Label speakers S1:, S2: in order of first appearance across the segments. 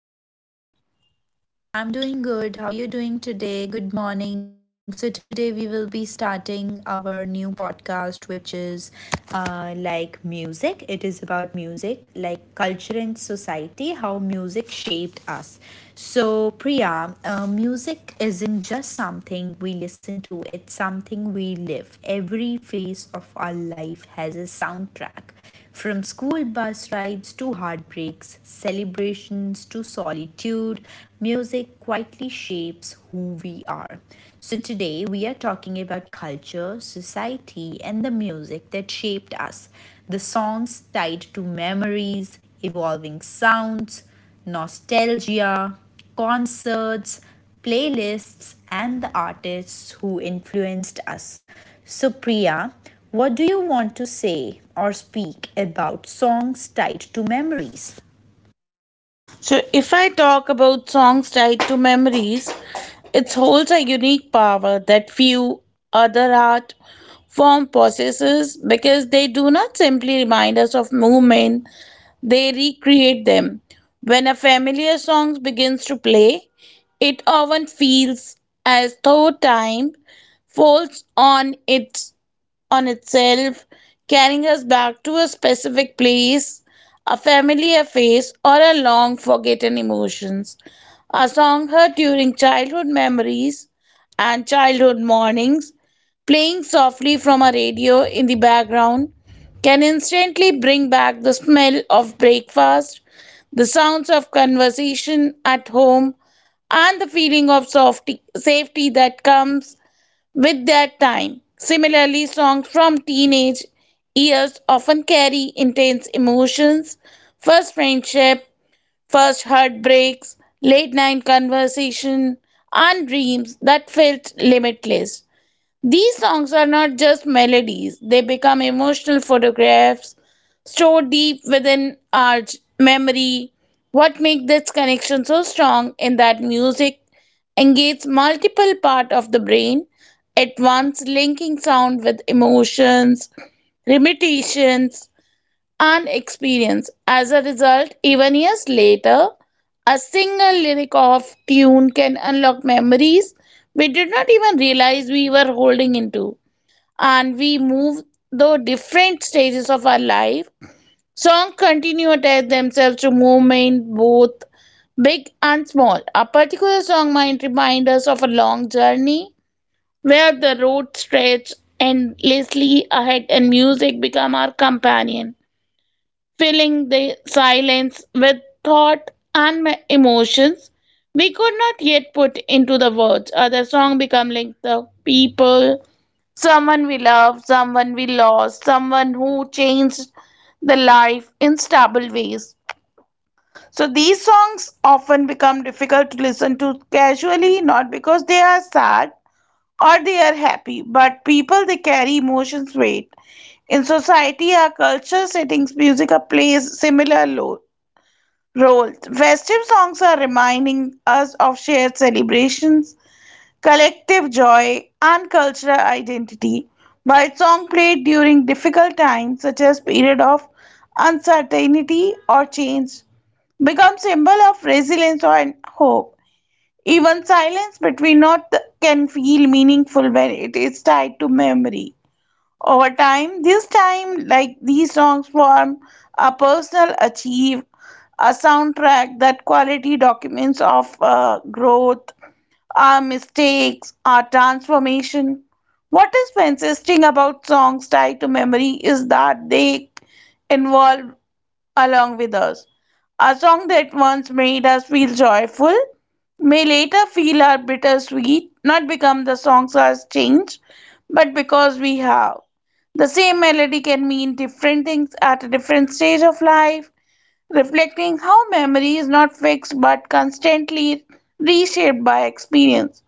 S1: Priya. I'm doing good. How are you doing today? Good morning. So, today we will be starting our new podcast, which is like music. It is about music, like culture and society, how music shaped us. So, Priya, music isn't just something we listen to, it's something we live. Every phase of our life has a soundtrack from school bus rides to heartbreaks, celebrations to solitude, music quietly shapes who we are. So, today we are talking about culture, society, and the music that shaped us. The songs tied to memories, evolving sounds, nostalgia, concerts, playlists, and the artists who influenced us. So, Priya, what do you want to say or speak about songs tied to memories?
S2: So, if I talk about songs tied to memories, it holds a unique power that few other art form possesses because they do not simply remind us of movement, they recreate them. When a familiar song begins to play, it often feels as though time folds on it on itself, carrying us back to a specific place, a familiar face, or a long forgotten emotions. A song heard during childhood memories and childhood mornings, playing softly from a radio in the background, can instantly bring back the smell of breakfast, the sounds of conversation at home, and the feeling of softy, safety that comes with their time. Similarly, songs from teenage years often carry intense emotions. First friendship, first heartbreaks, late night conversation, and dreams that felt limitless. These songs are not just melodies, they become emotional photographs stored deep within our memory. What makes this connection so strong in that music engages multiple parts of the brain at once, linking sound with emotions, limitations, and experience. As a result, even years later, a single lyric of tune can unlock memories we did not even realize we were holding into. And we move through different stages of our life. Songs continue to attach themselves to movement, both big and small. A particular song might remind us of a long journey where the road stretched endlessly ahead and music become our companion filling the silence with thought and emotions we could not yet put into the words. The song become like the people, someone we love, someone we lost, someone who changed the life in stable ways. So these songs often become difficult to listen to casually, not because they are sad or they are happy, but people they carry emotions weight. In society, our culture settings, music plays similar roles. Festive songs are reminding us of shared celebrations, collective joy, and cultural identity. While song played during difficult times, such as period of uncertainty or change, become symbol of resilience and hope. Even silence between not can feel meaningful when it is tied to memory over time. This time, like these songs form a personal achieve, a soundtrack that quality documents of growth, our mistakes, our transformation. What is fascinating about songs tied to memory is that they involve along with us. A song that once made us feel joyful may later feel our bittersweet, not become the songs has changed, but because we have. The same melody can mean different things at a different stage of life, reflecting how memory is not fixed but constantly reshaped by experience.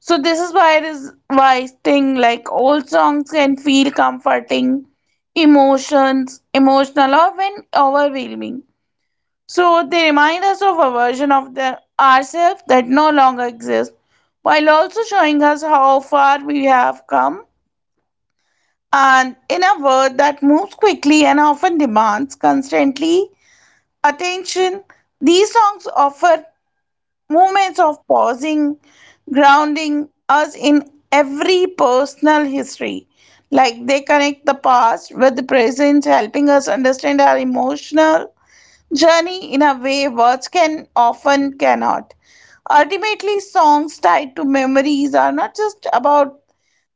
S2: So this is why thing like old songs can feel comforting, emotions, emotional or when overwhelming. So they remind us of a version of ourselves that no longer exists, while also showing us how far we have come. And in a world that moves quickly and often demands constantly attention, these songs offer moments of pausing, grounding us in every personal history. Like they connect the past with the present, helping us understand our emotional journey in a way words can often cannot. Ultimately, songs tied to memories are not just about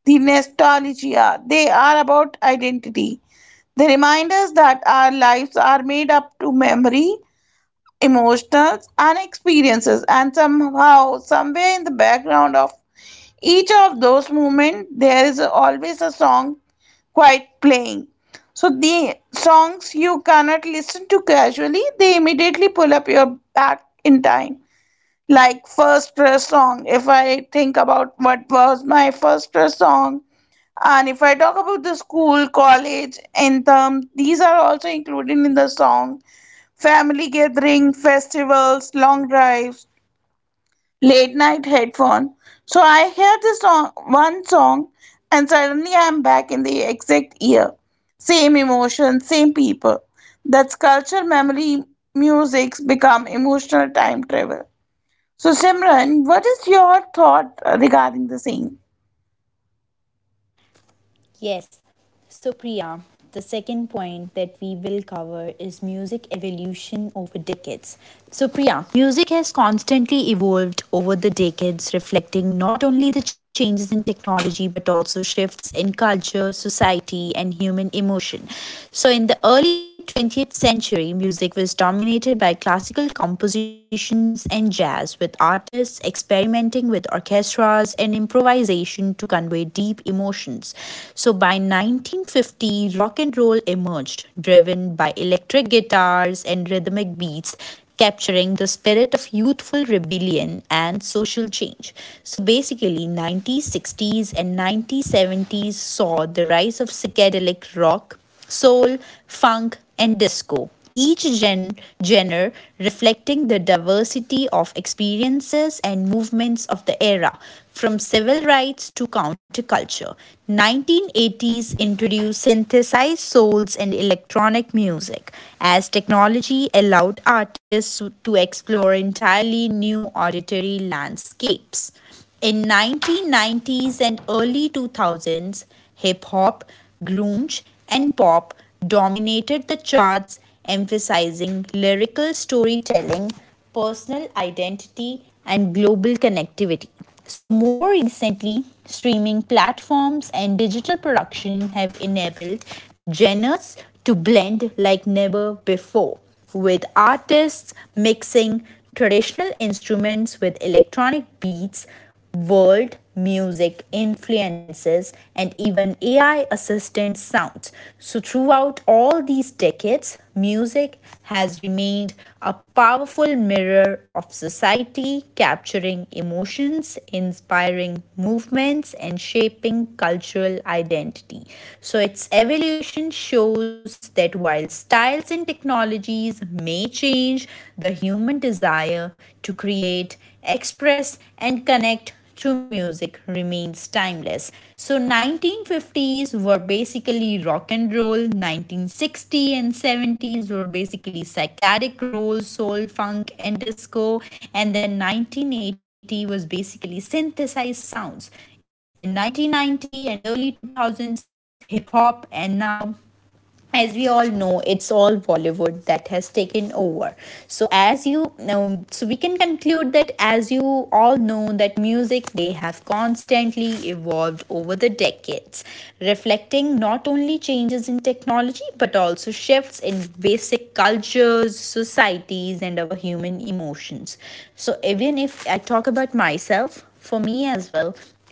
S2: the nostalgia, they are about identity. They remind us that our lives are made up to memory, emotions, and experiences, and somehow, somewhere in the background of each of those movements there is always a song quite playing. So the songs you cannot listen to casually, they immediately pull up your back in time, like first crush song. If I think about what was my first crush song, and if I talk about the school, college, anthem, these are also included in the song. Family gathering, festivals, long drives, late night headphone. So I hear the song, one song, and suddenly I'm back in the exact year. Same emotion, same people. That's culture, memory, music's become emotional time travel. So Simran, what is your thought regarding the same?
S1: Yes. So, Priya, the second point that we will cover is music evolution over decades. So, Priya, music has constantly evolved over the decades, reflecting not only the changes in technology but also shifts in culture, society, and human emotion. So, in the early 20th century, music was dominated by classical compositions and jazz, with artists experimenting with orchestras and improvisation to convey deep emotions. So by 1950, rock and roll emerged, driven by electric guitars and rhythmic beats, capturing the spirit of youthful rebellion and social change. So basically, 90s, 60s, and 90s, 70s saw the rise of psychedelic rock, soul, funk, and disco. Each genre reflecting the diversity of experiences and movements of the era, from civil rights to counterculture. 1980s introduced synthesized souls and electronic music as technology allowed artists to explore entirely new auditory landscapes. In 1990s and early 2000s, hip hop, grunge, and pop dominated the charts, emphasizing lyrical storytelling, personal identity, and global connectivity. So, more recently, streaming platforms and digital production have enabled genres to blend like never before, with artists mixing traditional instruments with electronic beats, world, music, influences, and even AI assistant sounds. So, throughout all these decades, music has remained a powerful mirror of society, capturing emotions, inspiring movements, and shaping cultural identity. So, its evolution shows that while styles and technologies may change, the human desire to create, express, and connect to music remains timeless. So, 1950s were basically rock and roll, 1960 and 70s were basically psychedelic roll, soul, funk and disco, and then 1980 was basically synthesized sounds. In 1990 and early 2000s, hip hop, and now as we all know, it's all Bollywood that has taken over. So as you so we can conclude that, as you all know, that music, they have constantly evolved over the decades, reflecting not only changes in technology but also shifts in basic cultures, societies, and our human emotions. So even if I talk about myself, for me as well,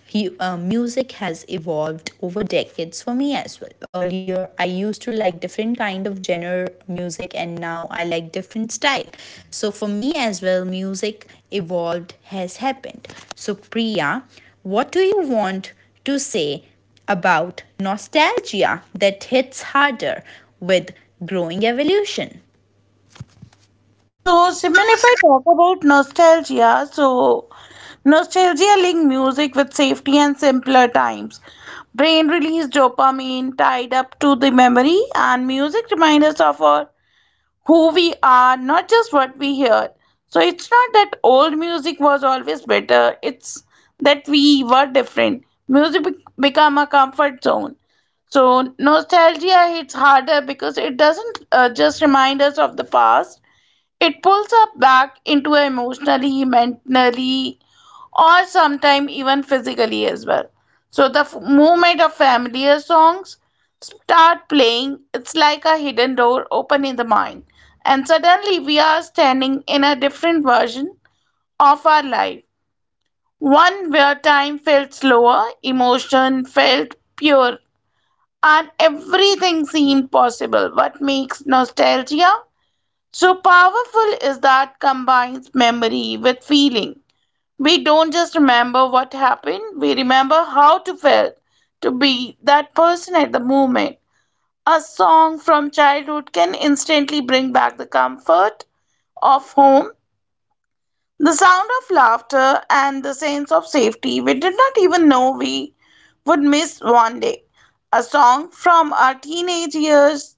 S1: music has evolved over decades for me as well. Earlier I used to like different kind of genre music, and now I like different style. So for me as well, music evolved has happened. So, Priya, what do you want to say about nostalgia that hits harder with growing evolution?
S2: So, Simran,
S1: Those
S2: if I talk about nostalgia, so nostalgia linked music with safety and simpler times. Brain release dopamine tied up to the memory, and music reminds us of our, who we are, not just what we hear. So, it's not that old music was always better, it's that we were different. Music become a comfort zone. So nostalgia hits harder because it doesn't just remind us of the past, it pulls us back into emotionally, mentally, or sometimes even physically as well. So the moment of familiar songs start playing, it's like a hidden door open in the mind, and suddenly we are standing in a different version of our life. One where time felt slower, emotion felt pure, and everything seemed possible. What makes nostalgia? So powerful is that combines memory with feeling. We don't just remember what happened, we remember how to feel to be that person at the moment. A song from childhood can instantly bring back the comfort of home, the sound of laughter, and the sense of safety we did not even know we would miss one day. A song from our teenage years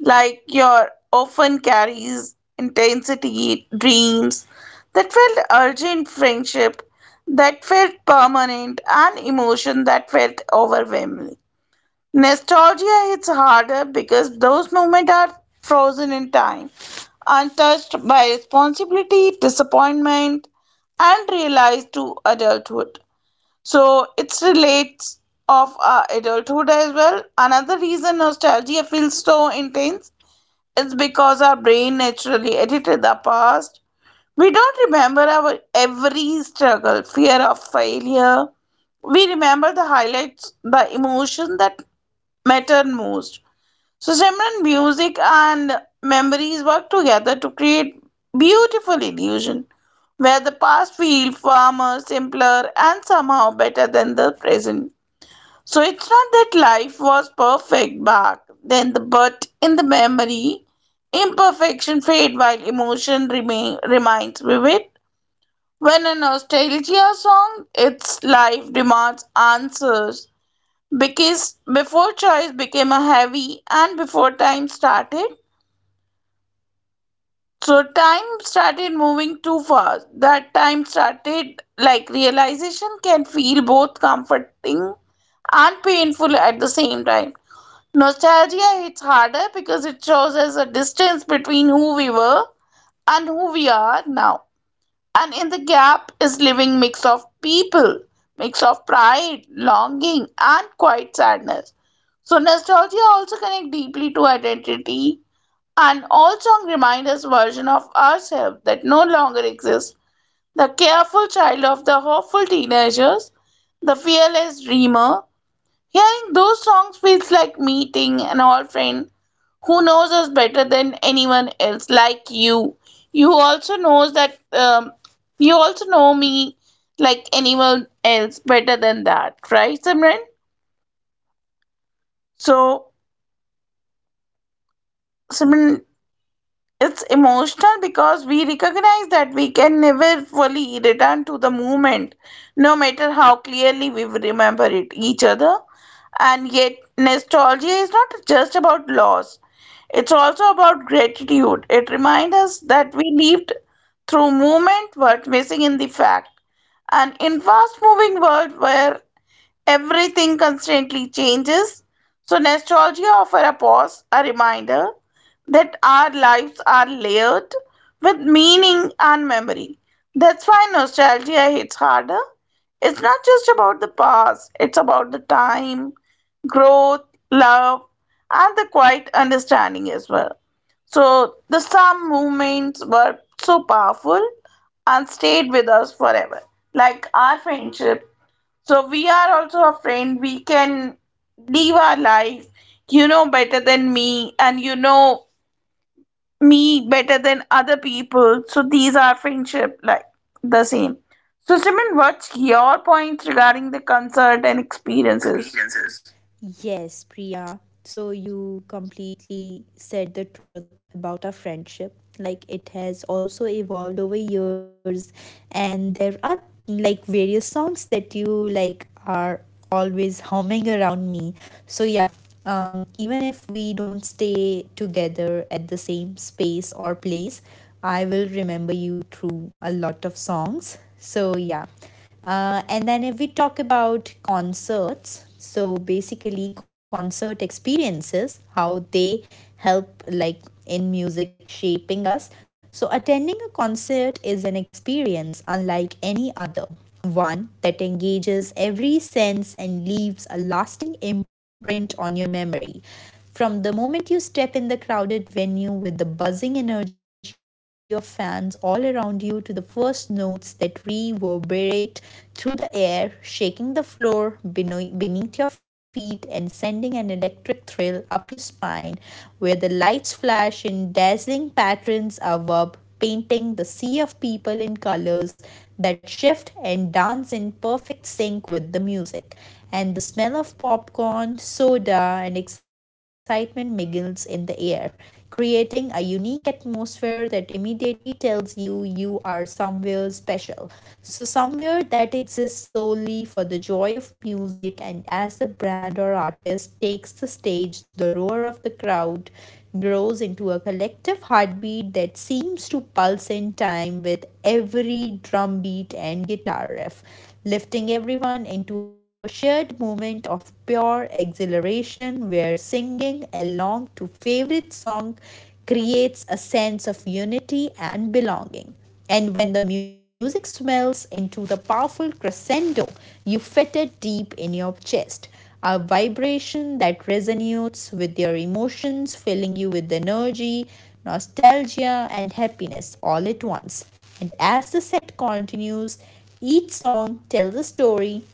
S2: like your often carries intensity dreams that felt urgent friendship that felt permanent and emotion that felt overwhelming nostalgia hits harder because those moments are frozen in time untouched by responsibility disappointment and realized to adulthood so it relates of adulthood as well another reason nostalgia feels so intense it's because our brain naturally edited the past. We don't remember our every struggle, fear of failure. We remember the highlights, the emotion that matter most. So, Simran, music and memories work together to create beautiful illusion where the past feels warmer, simpler, and somehow better than the present. So it's not that life was perfect back then, but in the memory, imperfection fade while emotion remains vivid. When a nostalgia song, its life demands answers because before choice became a heavy and before time started. So time started moving too fast. That time started like realization can feel both comforting and painful at the same time. Nostalgia hits harder because it shows us a distance between who we were and who we are now. And in the gap is living mix of people, mix of pride, longing, and quiet sadness. So nostalgia also connect deeply to identity and all song remind us version of ourselves that no longer exists. The careful child of the hopeful teenagers, the fearless dreamer, hearing those songs feels like meeting an old friend who knows us better than anyone else, like you. You also knows that you also know me like anyone else better than that, right, Simran? So,
S1: Right, I cle completely.
S2: Simran,
S1: So agree
S2: it's
S1: with you. It's
S2: emotional because
S1: emotional
S2: we
S1: because we
S2: recognize that we
S1: recognize that
S2: can
S1: we
S2: never
S1: can never
S2: fully
S1: fully
S2: return to the
S1: return to the
S2: moment,
S1: moment,
S2: no matter
S1: no
S2: how
S1: matter how
S2: clearly we remember it, each other. And yet, nostalgia is not just about loss, it's also about gratitude. It reminds us that we lived through movement, worth missing in the fact. And in fast moving world where everything constantly changes, so nostalgia offers a pause, a reminder that our lives are layered with meaning and memory. That's why nostalgia hits harder. It's not just about the past, it's about the time, growth, love, and the quiet understanding as well. So, the some movements were so powerful and stayed with us forever, like our friendship so we are also a friend. We can live our life. You know better than me, and you know me better than other people. So these are friendship like the same. So Simran, what's your points regarding the concert and experiences?
S1: experiences. Yes, Priya. So you completely said the truth about our friendship. Like it has also evolved over years, and there are like various songs that you like are always humming around me. So yeah, even if we don't stay together at the same space or place, I will remember you through a lot of songs. So yeah, and then if we talk about concerts, so basically concert experiences, how they help like in music shaping us. So attending a concert is an experience unlike any other, one that engages every sense and leaves a lasting imprint on your memory. From the moment you step in the crowded venue with the buzzing energy of fans all around you, to the first notes that reverberate through the air, shaking the floor beneath your feet and sending an electric thrill up your spine, where the lights flash in dazzling patterns above, painting the sea of people in colors that shift and dance in perfect sync with the music. And the smell of popcorn, soda, and excitement mingles in the air, creating a unique atmosphere that immediately tells you you are somewhere special. So, somewhere that exists solely for the joy of music, and as the brand or artist takes the stage, the roar of the crowd grows into a collective heartbeat that seems to pulse in time with every drum beat and guitar riff, lifting everyone into a shared moment of pure exhilaration generation where singing along to favorite song creates a sense of unity and belonging. And when the music swells into the powerful crescendo, you fit it deep in your chest. A vibration that resonates with your emotions, filling you with energy, nostalgia, and happiness all at once. And as the set continues, each song tells a story,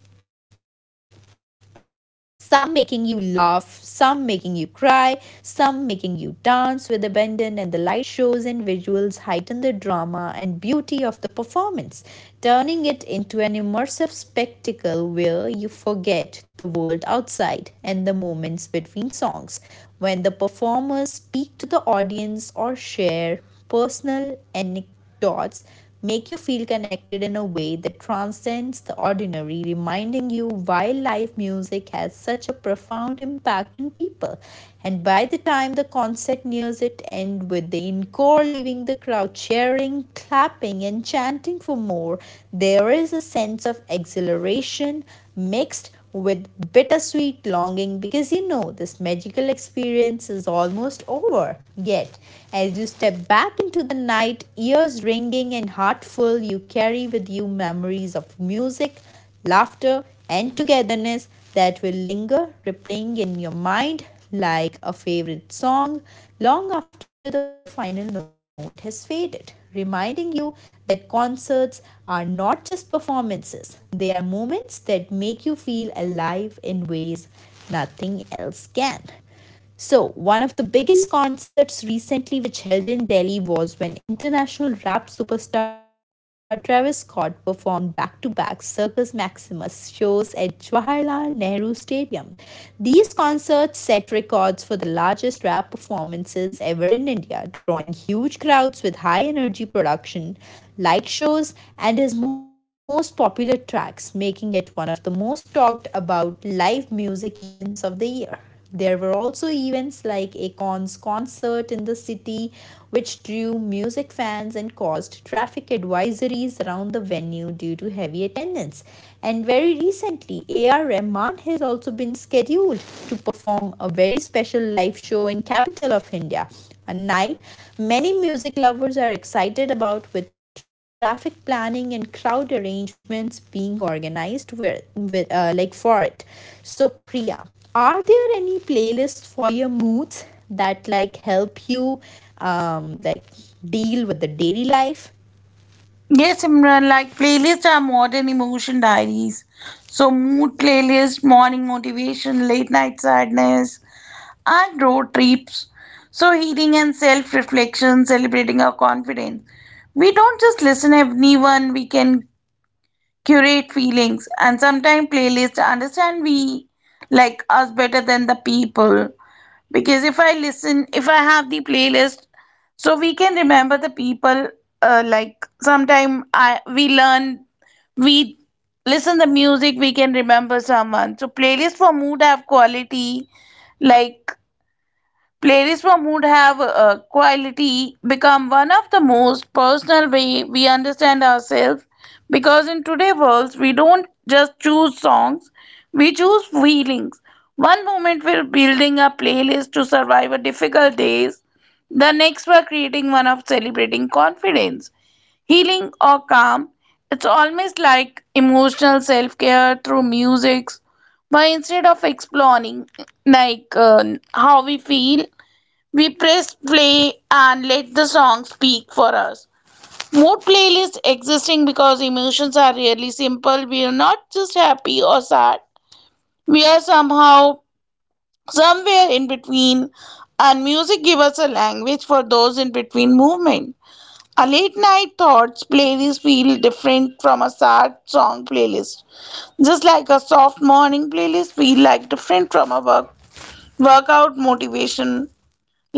S1: some making you laugh, some making you cry, some making you dance with abandon, and the light shows and visuals heighten the drama and beauty of the performance, turning it into an immersive spectacle where you forget the world outside, and the moments between songs when the performers speak to the audience or share personal anecdotes dots make you feel connected in a way that transcends the ordinary, reminding you why live music has such a profound impact on people. And by the time the concert nears its end, with the encore leaving the crowd cheering, clapping, and chanting for more, there is a sense of exhilaration mixed touched with bittersweet longing because you know this magical experience is almost over. Yet, as you step back into the night, ears ringing and heart full, you carry with you memories of music, laughter, and togetherness that will linger, replaying in your mind like a favorite song long after the final note has faded, reminding you that concerts are not just performances, they are moments that make you feel alive in ways nothing else can. So, one of the biggest concerts recently which held in Delhi was when international rap superstar Travis Scott performed back-to-back Circus Maximus shows at Jawaharlal Nehru Stadium. These concerts set records for the largest rap performances ever in India, drawing huge crowds with high energy production, light shows, and his most popular tracks, making it one of the most talked about live music events of the year. There were also events like Akon's concert in the city, which drew music fans and caused traffic advisories around the venue due to heavy attendance. And very recently, A.R. Rahman has also been scheduled to perform a very special live show in capital of India, a night many music lovers are excited about, with traffic planning and crowd arrangements being organized with, like for it. So, Priya, are there any playlists for your moods that like help you like deal with the daily life?
S2: Yes, Simran, like playlists are modern emotion diaries. So mood playlist, morning motivation, late night sadness, and road trips. So, healing and self reflection, celebrating our confidence. We don't just listen anyone, we can curate feelings and sometimes playlists understand we like us better than the people. Because if I listen, if I have the playlist, so we can remember the people like sometime I we learn we listen the music we can remember someone so playlist for mood have quality like playlists from would have quality become one of the most personal way we understand ourselves because in today's world we don't just choose songs we choose feelings one moment we're building a playlist to survive a difficult days the next we're creating one of celebrating confidence healing or calm it's almost like emotional self-care through music but instead of exploring like how we feel we press play and let the song speak for us. More playlists existing because emotions are really simple. We are not just happy or sad. We are somehow somewhere in between, and music gives us a language for those in between movement. A late night thoughts playlist feel different from a sad song playlist. Just like a soft morning playlist feel like different from a workout motivation,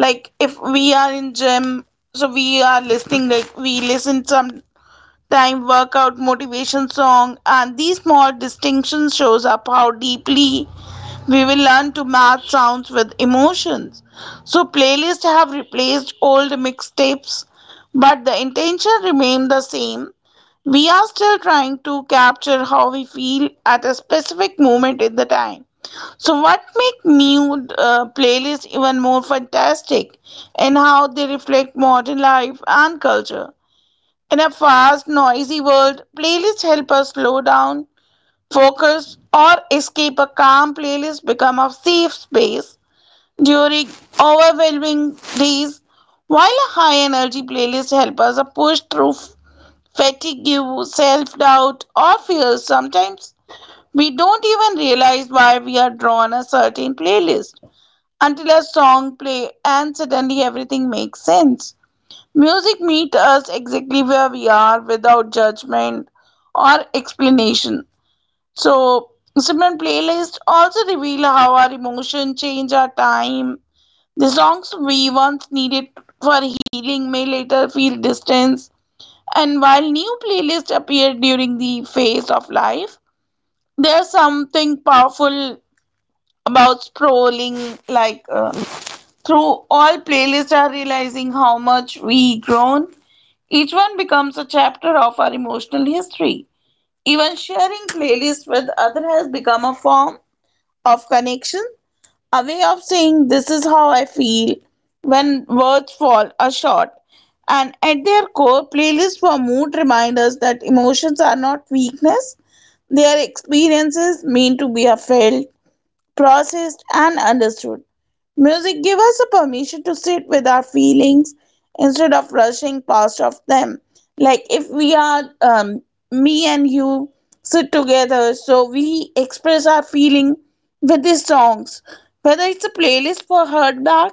S2: like if we are in gym, so we are listening, like we listen some time workout motivation song, and these small distinctions shows up how deeply we will learn to match sounds with emotions. So playlists have replaced old mixtapes, but the intention remained the same. We are still trying to capture how we feel at a specific moment in the time. So, what make new playlists even more fantastic and how they reflect modern life and culture? In a fast, noisy world, playlists help us slow down, focus, or escape. A calm playlist become a safe space during overwhelming days, while a high energy playlist helps us push through fatigue, self doubt, or fears. Sometimes we don't even realize why we are drawn a certain playlist until a song play and suddenly everything makes sense. Music meets us exactly where we are without judgment or explanation. So, Simran, playlists also reveal how our emotions change our time. The songs we once needed for healing may later feel distance. And while new playlists appear during the phase of life, there's something powerful about scrolling through all playlists are realizing how much we grown. Each one becomes a chapter of our emotional history. Even sharing playlists with others has become a form of connection, a way of saying this is how I feel when words fall a short. And at their core, playlists for mood remind us that emotions are not weakness, they are experiences meant to be felt, processed, and understood. Music gives us a permission to sit with our feelings instead of rushing past of them. Like if we are me and you sit together, so we express our feeling with these songs. Whether it's a playlist for heartbreak,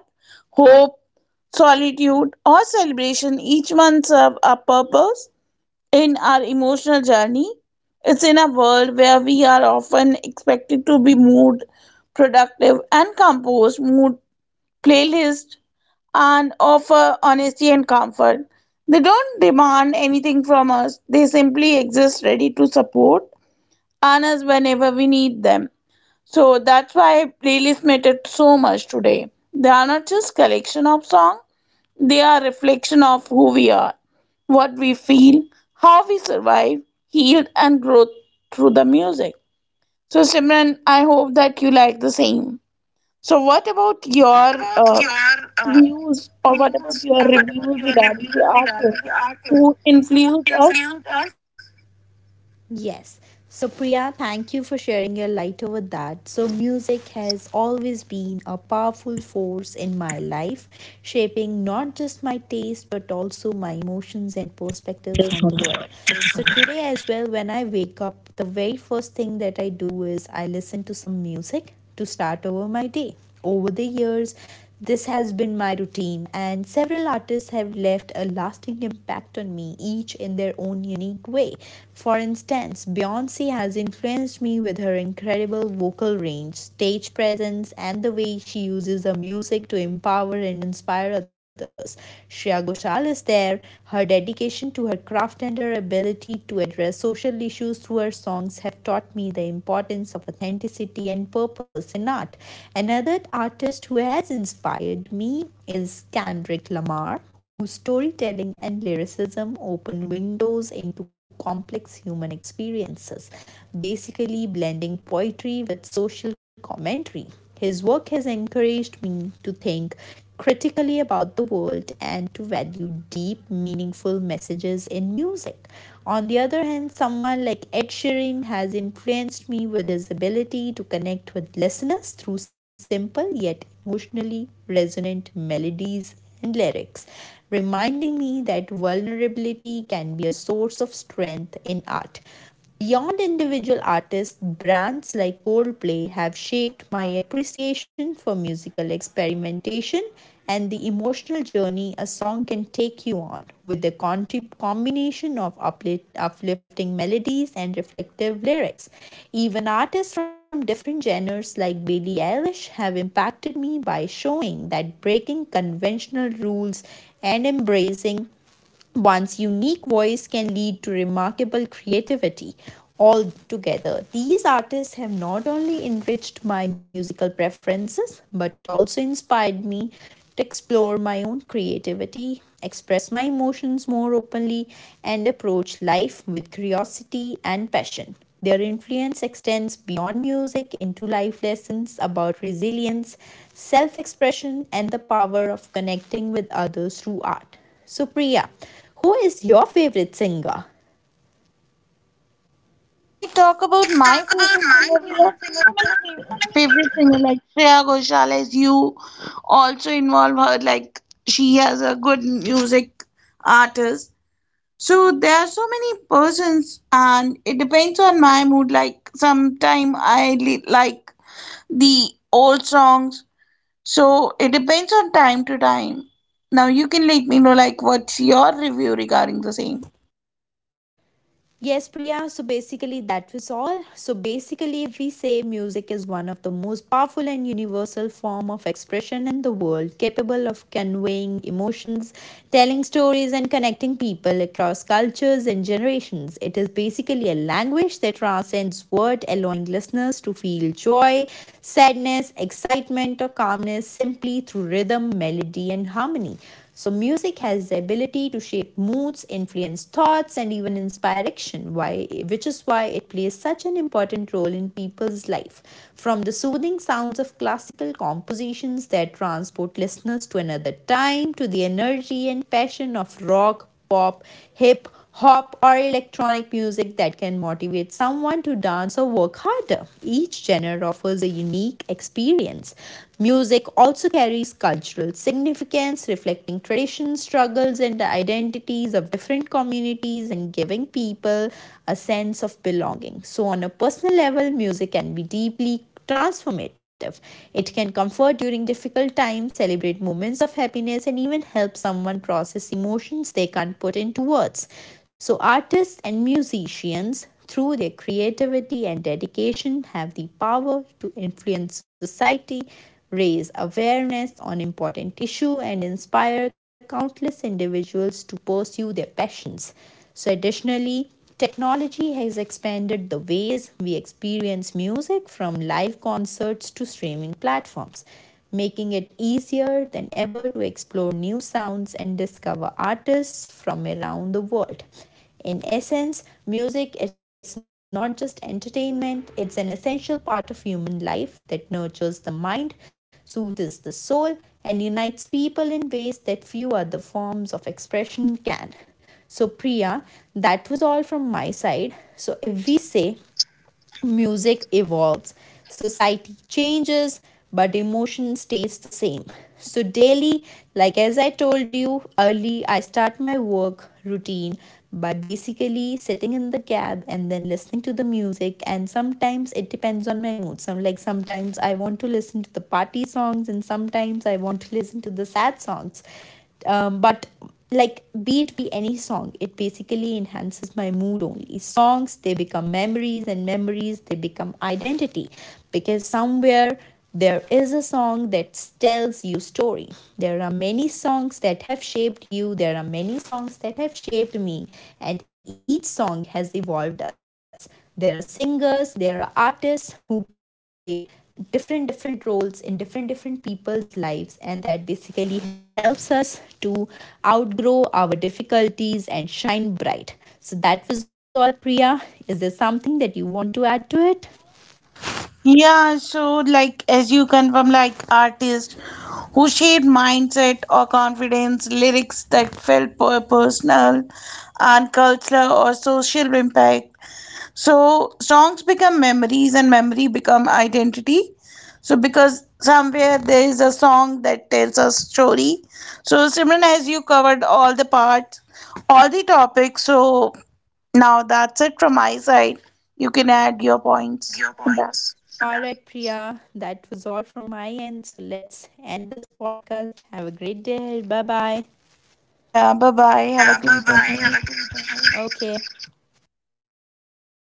S2: hope, solitude, or celebration, each one serve a purpose in our emotional journey. It's in a world where we are often expected to be mood productive and composed, mood playlist, and offer honesty and comfort. They don't demand anything from us, they simply exist ready to support and us whenever we need them. So that's why playlists matter so much today. They are not just collection of songs, they are a reflection of who we are, what we feel, how we survive, healed and grow through the music. So Simran, I hope that you like the same. So what about
S1: What
S2: your
S1: about your uh,
S2: views, or what about
S1: views,
S2: your
S1: or what
S2: reviews
S1: about your
S2: regarding the
S1: reviews
S2: artists
S1: regarding the
S2: who
S1: artists
S2: influenced
S1: who
S2: us?
S1: influenced us? Yes. So, Priya, thank you for sharing your light over that. So, music has always been a powerful force in my life, shaping not just my taste but also my emotions and perspectives on the world. So, today as well, when I wake up, the very first thing that I do is I listen to some music to start over my day. Over the years, this has been my routine, and several artists have left a lasting impact on me, each in their own unique way. For instance, Beyonce has influenced me with her incredible vocal range, stage presence, and the way she uses her music to empower and inspire others. Shreya Ghoshal is there. Her dedication to her craft and her ability to address social issues through her songs have taught me the importance of authenticity and purpose in art. Another artist who has inspired me is Kendrick Lamar, whose storytelling and lyricism open windows into complex human experiences, basically blending poetry with social commentary. His work has encouraged me to think critically about the world and to value deep, meaningful messages in music. On the other hand, someone like Ed Sheeran has influenced me with his ability to connect with listeners through simple yet emotionally resonant melodies and lyrics, reminding me that vulnerability can be a source of strength in art. Beyond individual artists, brands like Coldplay have shaped my appreciation for musical experimentation and the emotional journey a song can take you on, with the combination of uplifting melodies and reflective lyrics. Even artists from different genres like Billie Eilish have impacted me by showing that breaking conventional rules and embracing one's unique voice can lead to remarkable creativity altogether. These artists have not only enriched my musical preferences but also inspired me to explore my own creativity, express my emotions more openly, and approach life with curiosity and passion. Their influence extends beyond music into life lessons about resilience, self expression, and the power of connecting with others through art. So, Priya, who is your favorite singer?
S2: So if I talk about
S1: Let's
S2: my
S1: talk
S2: favorite
S1: about my
S2: singer, we
S1: favorite
S2: have so
S1: singer. We have
S2: many
S1: so many.
S2: favorite singer like Shreya Ghoshal, as you also involve her. Like, she has a good music artist. So there are so many persons, and it depends on my mood. Like sometime I like the old songs, so it depends on time to time. Now you can let me know like what's your review regarding the same.
S1: Yes, Priya. So basically, that was all. So basically, if we say music is one of the most powerful and universal form of expression in the world, capable of conveying emotions, telling stories, and connecting people across cultures and generations. It is basically a language that transcends word, allowing listeners to feel joy, sadness, excitement, or calmness simply through rhythm, melody, and harmony. So, music has the ability to shape moods, influence thoughts, and even inspire action, which is why it plays such an important role in people's life. From the soothing sounds of classical compositions that transport listeners to another time, to the energy and passion of rock, pop, hip hop, or electronic music that can motivate someone to dance or work harder. Each genre offers a unique experience. Music also carries cultural significance, reflecting traditions, struggles, and the identities of different communities and giving people a sense of belonging. So, on a personal level, music can be deeply transformative. It can comfort during difficult times, celebrate moments of happiness, and even help someone process emotions they can't put into words. So, artists and musicians, through their creativity and dedication, have the power to influence society. Raise awareness on important issues, and inspire countless individuals to pursue their passions. So, additionally, technology has expanded the ways we experience music from live concerts to streaming platforms, making it easier than ever to explore new sounds and discover artists from around the world. In essence, music is not just entertainment, it's an essential part of human life that nurtures the mind, soothes the soul, and unites people in ways that few other forms of expression can. So, Priya, that was all from my side. So, if we say music evolves, society changes, but emotion stays the same. So, daily, like as I told you early, I start my work routine by basically sitting in the cab and then listening to the music. And sometimes it depends on my mood. Sometimes I want to listen to the party songs, and sometimes I want to listen to the sad songs, but like be it be any song, it basically enhances my mood. Only songs, they become memories, and memories, they become identity, because somewhere there is a song that tells you story. There are many songs that have shaped you, there are many songs that have shaped me, and each song has evolved us. There are singers, there are artists who play different different roles in different different people's lives, and that basically helps us to outgrow our difficulties and shine bright. So that was all, Priya. Is there something that you want to add to it?
S2: Yeah, so like as you confirm, like artists who shared mindset or confidence, lyrics that felt personal and cultural or social impact. So songs become memories and memory become identity. So because somewhere there is a song that tells a story. So Simran, as you covered all the parts, all the topics, so now that's it from my side. You can add your
S1: Add your
S2: points.
S1: points. All right, Priya, that was all from my end. So let's end this podcast. Have a great day. Bye bye.
S2: Yeah, bye
S1: Yeah,
S2: bye.
S1: bye
S2: Have a
S1: bye.
S2: great
S1: Have a good
S2: day.
S1: day. Okay.